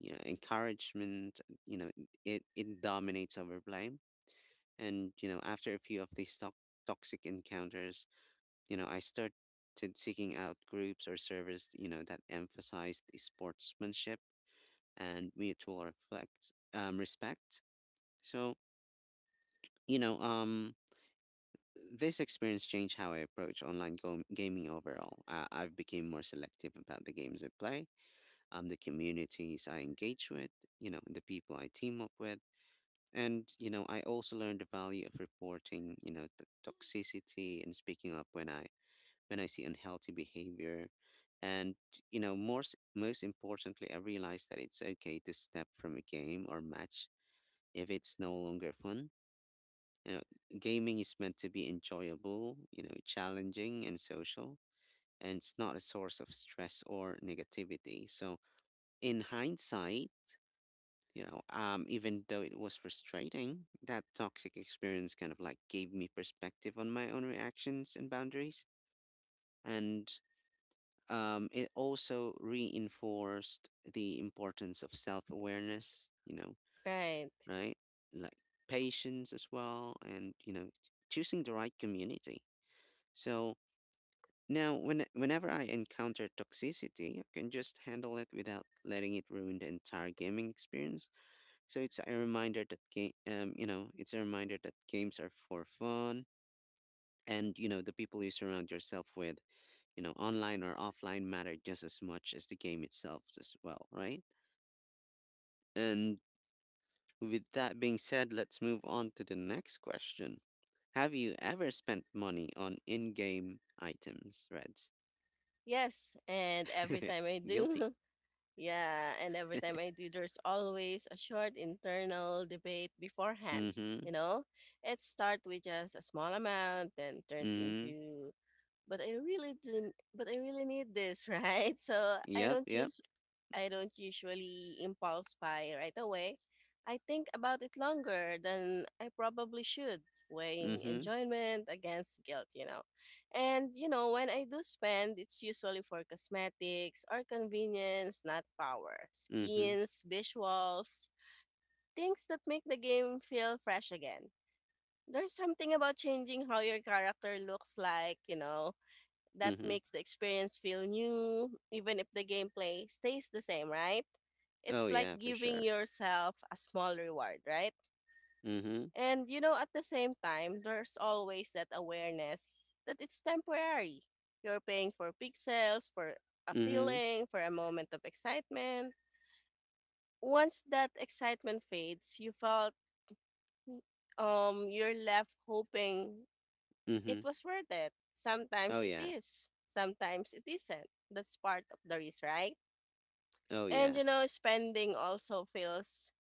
A: encouragement, it dominates over blame. And, after a few of these toxic encounters, I started seeking out groups or servers, that emphasized sportsmanship and mutual reflect respect. So, you know, um, this experience changed how I approach online gaming overall. I've become more selective about the games I play, the communities I engage with, the people I team up with. And, you know, I also learned the value of reporting, you know, the toxicity and speaking up when I see unhealthy behavior. And, you know, most importantly, I realized that it's okay to step from a game or match if it's no longer fun. You know, gaming is meant to be enjoyable, you know, challenging and social, and it's not a source of stress or negativity. So, in hindsight, even though it was frustrating, that toxic experience kind of like gave me perspective on my own reactions and boundaries. And it also reinforced the importance of self awareness, you know,
B: Right.
A: right? Like patience as well, and you know, choosing the right community. So now, whenever I encounter toxicity, I can just handle it without letting it ruin the entire gaming experience. So it's a reminder that it's a reminder that games are for fun, and you know, the people you surround yourself with, you know, online or offline, matter just as much as the game itself as well, right? And with that being said, let's move on to the next question. Have you ever spent money on in game items, Reds?
B: Yes. And every
A: <laughs>
B: time I do,
A: Guilty.
B: <laughs> Yeah, and every time I do, there's always a short internal debate beforehand.
A: Mm-hmm.
B: You know, it starts with just a small amount, then turns
A: Mm-hmm.
B: into but I really didn't but I really need this, <laughs> right? So I
A: Yep,
B: don't
A: yep.
B: just I don't usually impulse buy right away. I think about it longer than I probably should, weighing
A: Mm-hmm.
B: enjoyment against guilt, you know. And you know, when I do spend, it's usually for cosmetics or convenience, not power.
A: Mm-hmm.
B: Skins, visuals, things that make the game feel fresh again. There's something about changing how your character looks like, you know, that
A: Mm-hmm.
B: makes the experience feel new, even if the gameplay stays the same, right?
A: Oh
B: It's like
A: yeah, for
B: giving
A: sure.
B: yourself a small reward, right?
A: Mm-hmm.
B: And you know, at the same time, there's always that awareness that it's temporary. You're paying for pixels, for a
A: Mm-hmm.
B: feeling, for a moment of excitement. Once that excitement fades, mm, you're left hoping it
A: Mm-hmm.
B: was worth it.
A: Oh
B: Sometimes it
A: yeah.
B: is, sometimes it isn't. That's part of the risk, right?
A: Oh
B: And
A: yeah.
B: you know, spending also feels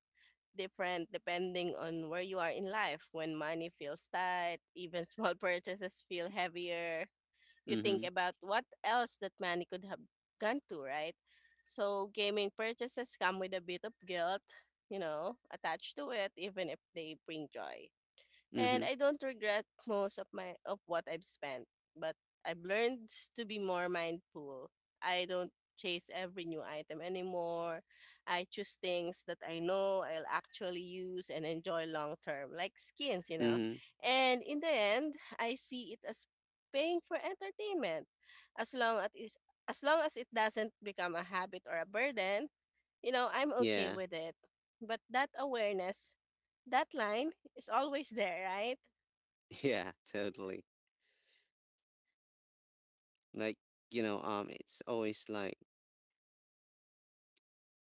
B: different depending on where you are in life. When money feels tight, even small <laughs> purchases feel heavier. You think
A: Mm-hmm.
B: about what else that money could have gone to, right? So, gaming purchases come with a bit of guilt, you know, attached to it, even if they bring joy and
A: Mm-hmm.
B: I don't regret most of my of what I've spent, but I've learned to be more mindful. I don't chase every new item anymore. I choose things that I know I'll actually use and enjoy long term, like skins, you know.
A: Mm-hmm.
B: And in the end, I see it as paying for entertainment, as long as it is as long as it doesn't become a habit or a burden you know, I'm okay
A: Yeah.
B: with it. But that awareness, that line is always there, right?
A: <laughs> Yeah, totally. Like, it's always like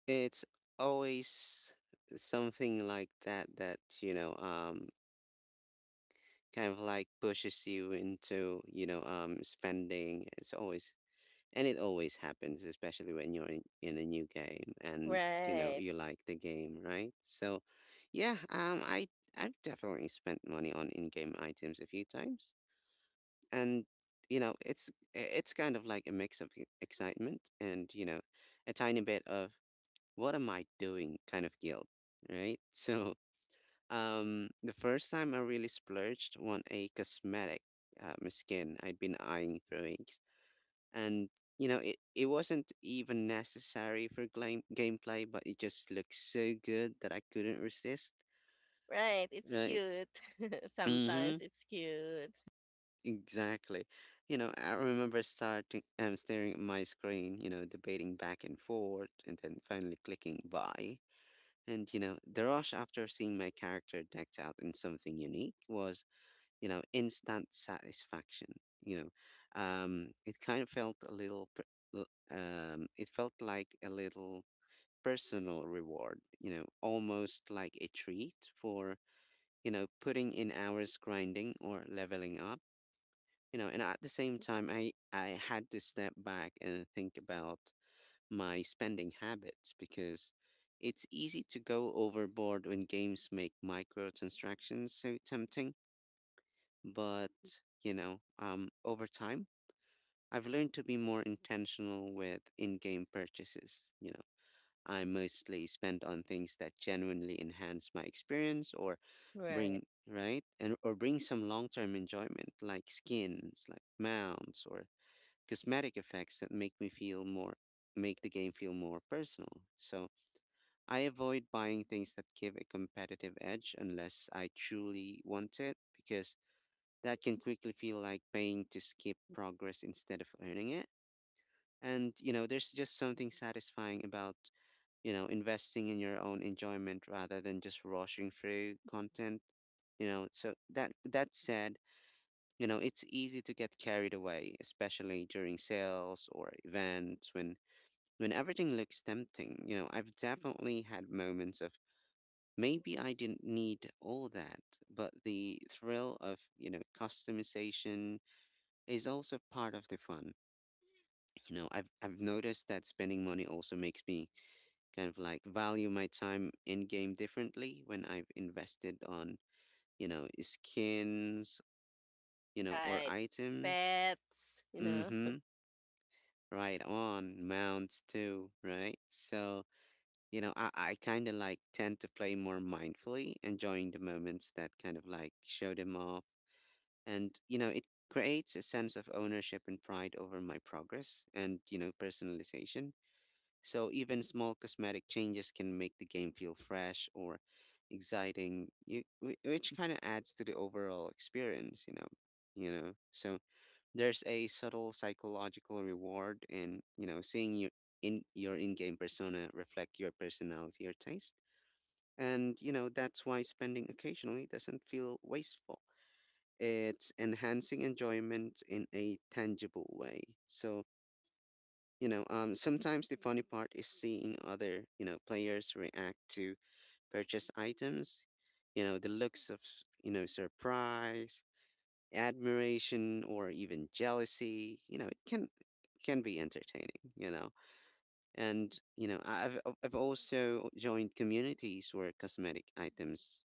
A: it's always something like that that, kind of like pushes you into, spending. It's always, and it always happens, especially when you're in a new game and, you know,
B: Right.
A: you like the game, right? So, yeah, I've definitely spent money on in-game items a few times, and you know, it's kind of like a mix of excitement and you know, a tiny bit of what am I doing kind of guilt, right? <laughs> So, the first time I really splurged on a cosmetic skin I'd been eyeing for weeks, and you know, it wasn't even necessary for gameplay, but it just looked so good that I couldn't resist,
B: Right. It's
A: right?
B: cute. <laughs>
A: Mm-hmm.
B: Sometimes it's cute.
A: Exactly. You know, I remember starting staring at my screen, you know, debating back and forth and then finally clicking buy. And, you know, the rush after seeing my character decked out in something unique was, you know, instant satisfaction. You know, it kind of felt a little, per- l- it felt like a little personal reward, you know, almost like a treat for, you know, putting in hours grinding or leveling up. You know, and at the same time, I had to step back and think about my spending habits because it's easy to go overboard when games make microtransactions so tempting. But, over time, I've learned to be more intentional with in game purchases. You know, I mostly spend on things that genuinely enhance my experience or
B: Right.
A: bring some long term enjoyment, like skins, like mounts, or cosmetic effects that make the game feel more personal. So, I avoid buying things that give a competitive edge unless I truly want it because that can quickly feel like paying to skip progress instead of earning it. And, you know, there's just something satisfying about, you know, investing in your own enjoyment rather than just rushing through content, you know. So, that said, you know, it's easy to get carried away, especially during sales or events, when everything looks tempting. You know, I've definitely had moments of maybe I didn't need all that, but the thrill of, you know, customization is also part of the fun. You know, I've noticed that spending money also makes me kind of like value my time in game differently when I've invested on, you know, skins, you know, or
B: Right.
A: items.
B: Pets, you know.
A: Mm-hmm. Right on. Mounts too, right? So, you know, I kind of like tend to play more mindfully, enjoying the moments that kind of like show them off. And, you know, it creates a sense of ownership and pride over my progress and, you know, personalization. So even small cosmetic changes can make the game feel fresh or exciting, which kind of adds to the overall experience, you know. You know, so there's a subtle psychological reward in, you know, seeing your in your in-game persona reflect your personality or taste. And, you know, that's why spending occasionally doesn't feel wasteful. It's enhancing enjoyment in a tangible way. So, sometimes the funny part is seeing other, you know, players react to purchase items, you know, the looks of, you know, surprise, admiration, or even jealousy, you know, it can be entertaining, you know. And, you know, I've also joined communities where cosmetic items,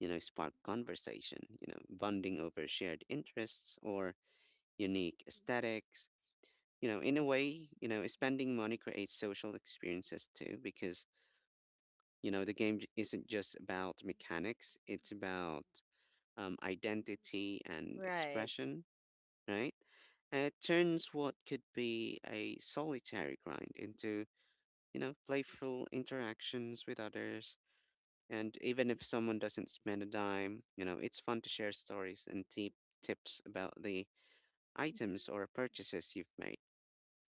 A: you know, spark conversation, you know, bonding over shared interests or unique aesthetics. You know, in a way, you know, spending money creates social experiences too, because, you know, the isn't just about mechanics, it's about identity and
B: Right.
A: expression, right? And it turns what could be a solitary grind into, you know, playful interactions with others. And even if someone doesn't spend a dime, you know, it's fun to share stories and tips about the items or purchases you've made,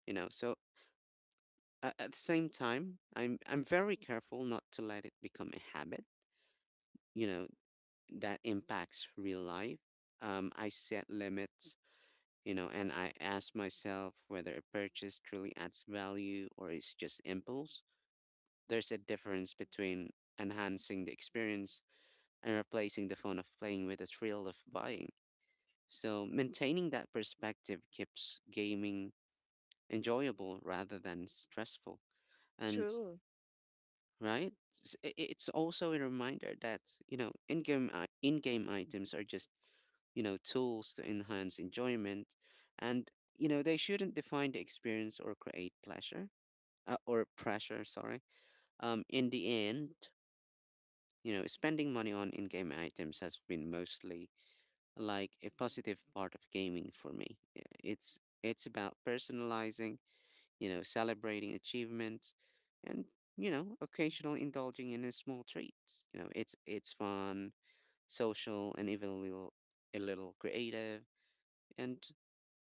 A: you know. So at the same time, I'm very careful not to let it become a habit, you know, that impacts real life. I set limits, you know, and I ask myself whether a purchase truly adds value or is just impulse. There's a difference between enhancing the experience and replacing the fun of playing with the thrill of buying. So maintaining that perspective keeps gaming enjoyable rather than stressful. And
B: True.
A: right? It's also a reminder that, you know, in-game items are just, you know, tools to enhance enjoyment and, you know, they shouldn't define the experience or create pleasure or pressure, sorry. Um, in the end, you know, spending money on in-game items has been mostly like a positive part of gaming for me. It's about personalizing, you know, celebrating achievements and, you know, occasionally indulging in a small treats. You know, it's fun, social and even a little creative. And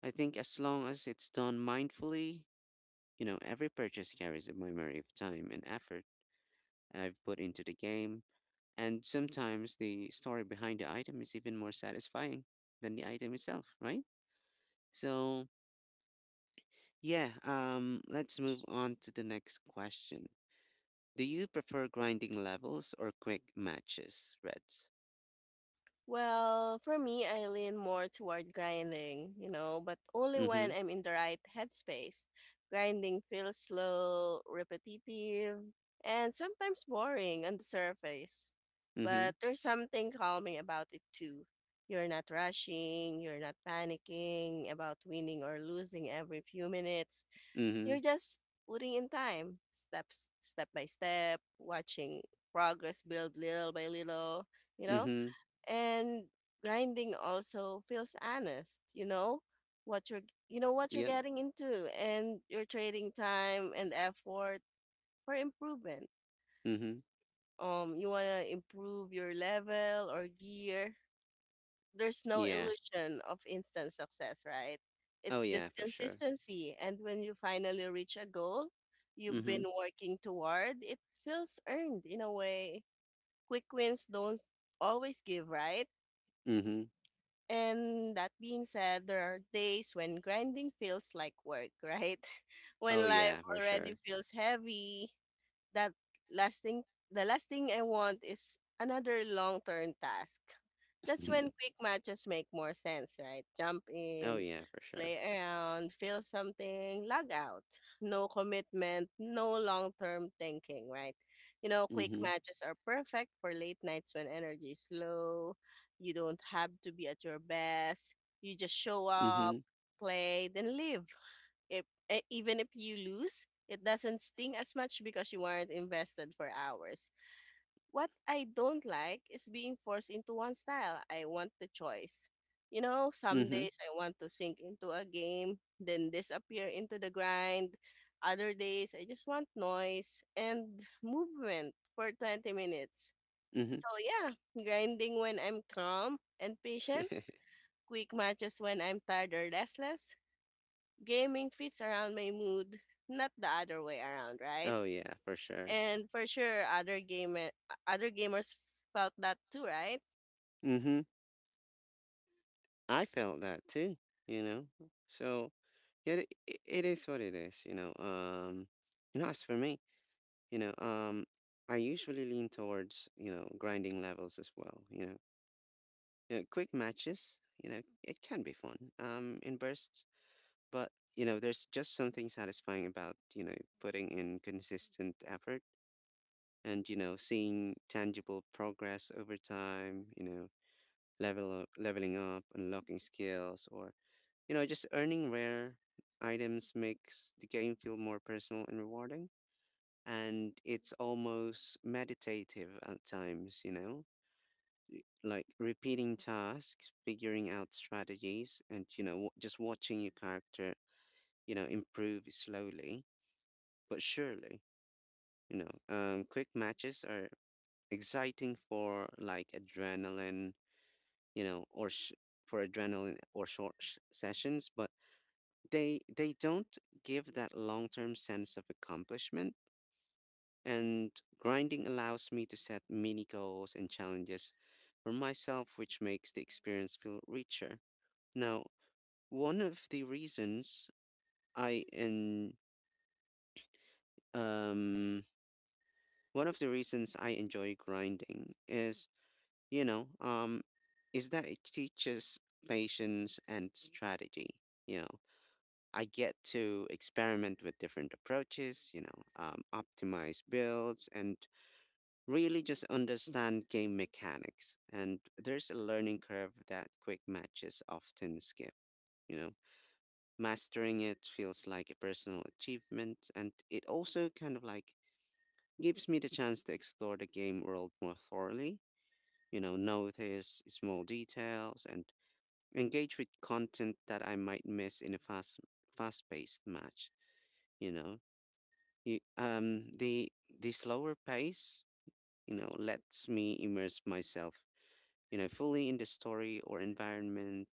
A: I think as long as it's done mindfully, you know, every purchase carries a memory of time and effort I've put into the game. And sometimes the story behind the item is even more satisfying than the item itself, right? So, yeah, let's move on to the next question. Do you prefer grinding levels or quick matches, Reds?
B: Well, for me, I lean more toward grinding, you know, but only
A: Mm-hmm.
B: when I'm in the right headspace. Grinding feels slow, repetitive, and sometimes boring on the surface.
A: Mm-hmm.
B: But there's something calming about it too. You're not rushing, you're not panicking about winning or losing every few minutes.
A: Mm-hmm.
B: You're just putting in time, step by step, watching progress build little by little, you know?
A: Mm-hmm.
B: And grinding also feels honest. You know what you're you know what you're
A: Yep.
B: getting into, and you're trading time and effort for improvement.
A: Mm-hmm.
B: You want to improve your level or gear. There's no
A: Yeah.
B: illusion of instant success, right?
A: Oh
B: It's
A: yeah,
B: just
A: for sure.
B: consistency, and when you finally reach a goal you've
A: Mm-hmm.
B: been working toward, it feels earned in a way quick wins don't always give, right?
A: Mm-hmm.
B: And that being said, there are days when grinding feels like work, right? <laughs>
A: Oh
B: When life
A: yeah, for
B: already
A: sure.
B: feels heavy, that lasting the last thing I want is another long term task. That's when
A: <laughs>
B: quick matches make more sense, right? Jump
A: Oh
B: in,
A: yeah, for sure.
B: play around, feel something, log out. No commitment, no long term thinking, right? You know, quick
A: Mm-hmm.
B: matches are perfect for late nights when energy is low. You don't have to be at your best. You just show up,
A: Mm-hmm.
B: play, then leave. If e- Even if you lose, it doesn't sting as much because you weren't invested for hours. What I don't like is being forced into one style. I want the choice. You know, some
A: Mm-hmm.
B: days I want to sink into a game, then disappear into the grind. Other days I just want noise and movement for 20 minutes.
A: Mm-hmm.
B: So yeah, grinding when I'm calm and patient,
A: <laughs>
B: quick matches when I'm tired or restless. Gaming fits around my mood, not the other way around, right?
A: Oh yeah, for sure.
B: And for sure, other gamers felt that too, right?
A: Mm-hmm. I felt that too, you know? So yeah, it is what it is, you know. You know, as for me, you know um I usually lean towards, you know, grinding levels as well, you know. Yeah, quick matches, you know, it can be fun in bursts, but you know there's just something satisfying about, you know, putting in consistent effort and you know seeing tangible progress over time, you know. Leveling up, unlocking skills, or you know just earning rare items makes the game feel more personal and rewarding. And it's almost meditative at times, you know, like repeating tasks, figuring out strategies, and, you know, just watching your character, you know, improve slowly but surely, you know. Quick matches are exciting for like adrenaline, you know, or sh- for adrenaline or short sessions, but they don't give that long-term sense of accomplishment. And grinding allows me to set mini goals and challenges for myself, which makes the experience feel richer. Now, one of the reasons I en- um one of the reasons I enjoy grinding is, you know, um is that it teaches patience and strategy. You know, I get to experiment with different approaches, optimize builds and really just understand game mechanics. And there's a learning curve that quick matches often skip. You know, mastering it feels like a personal achievement, and it also kind of like gives me the chance to explore the game world more thoroughly. You know, notice small details and engage with content that I might miss in a fast-paced match. You know, you, the slower pace, you know, lets me immerse myself, you know, fully in the story or environment.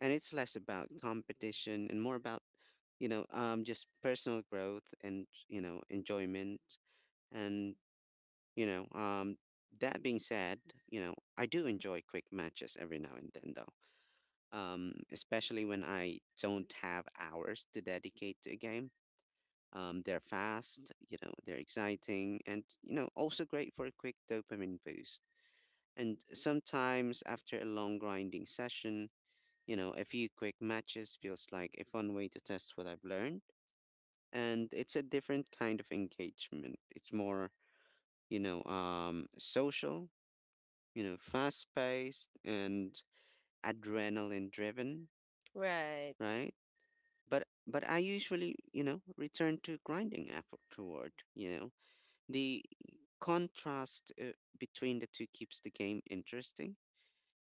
A: And it's less about competition and more about, just personal growth and, you know, enjoyment. And, you know, um, that being said, you know, I do enjoy quick matches every now and then, though, especially when I don't have hours to dedicate to a game. They're fast, you know, they're exciting, and, you know, also great for a quick dopamine boost. And sometimes after a long grinding session, you know, a few quick matches feels like a fun way to test what I've learned, and it's a different kind of engagement. It's more, social, you know, fast-paced and adrenaline-driven,
B: Right,
A: right? But I usually, you know, return to grinding afterward. You know, the contrast between the two keeps the game interesting.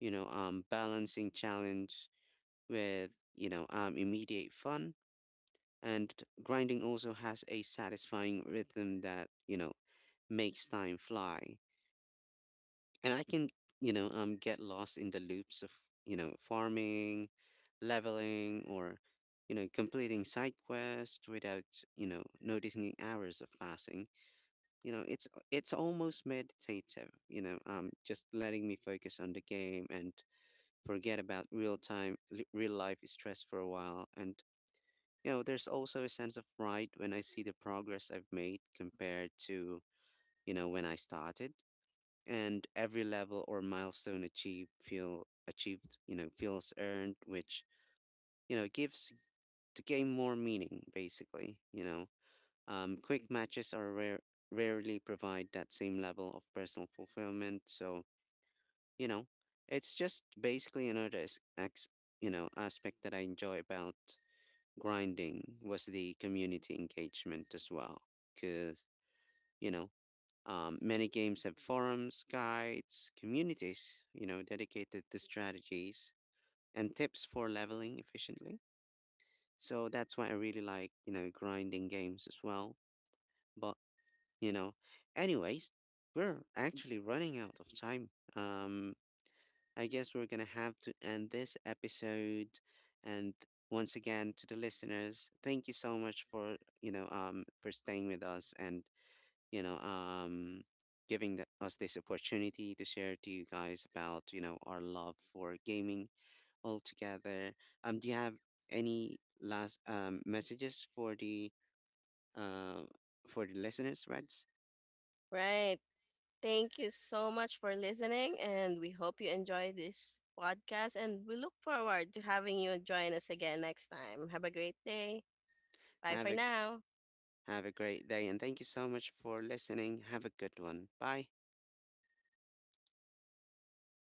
A: You know, balancing challenge with, you know, immediate fun. And grinding also has a satisfying rhythm that, you know, makes time fly. And I can, get lost in the loops of, you know, farming, leveling, or, you know, completing side quests without, you know, noticing hours of passing. You know, it's almost meditative, just letting me focus on the game and forget about real life stress for a while. And you know, there's also a sense of pride when I see the progress I've made compared to, you know, when I started. And every level or milestone achieved, you know, feels earned, which, you know, gives the game more meaning, basically, you know. Quick matches are rarely provide that same level of personal fulfillment. So, you know, it's just basically you know, aspect that I enjoy about grinding was the community engagement as well because you know many games have forums, guides, communities, you know, dedicated to strategies and tips for leveling efficiently. So that's why I really like, you know, grinding games as well. But you know, anyways, we're actually running out of time, I guess we're going to have to end this episode. And once again, to the listeners, thank you so much for, for staying with us and, you know, um, giving the, us this opportunity to share to you guys about, you know, our love for gaming altogether. Do you have any last messages uh, for the listeners, Reds?
B: right. Thank you so much for listening, and we hope you enjoy this podcast. And we look forward to having you join us again next time. Have a great day. Bye
A: Have
B: for
A: a
B: now.
A: have a great day and thank you so much for listening. Have a good one. Bye.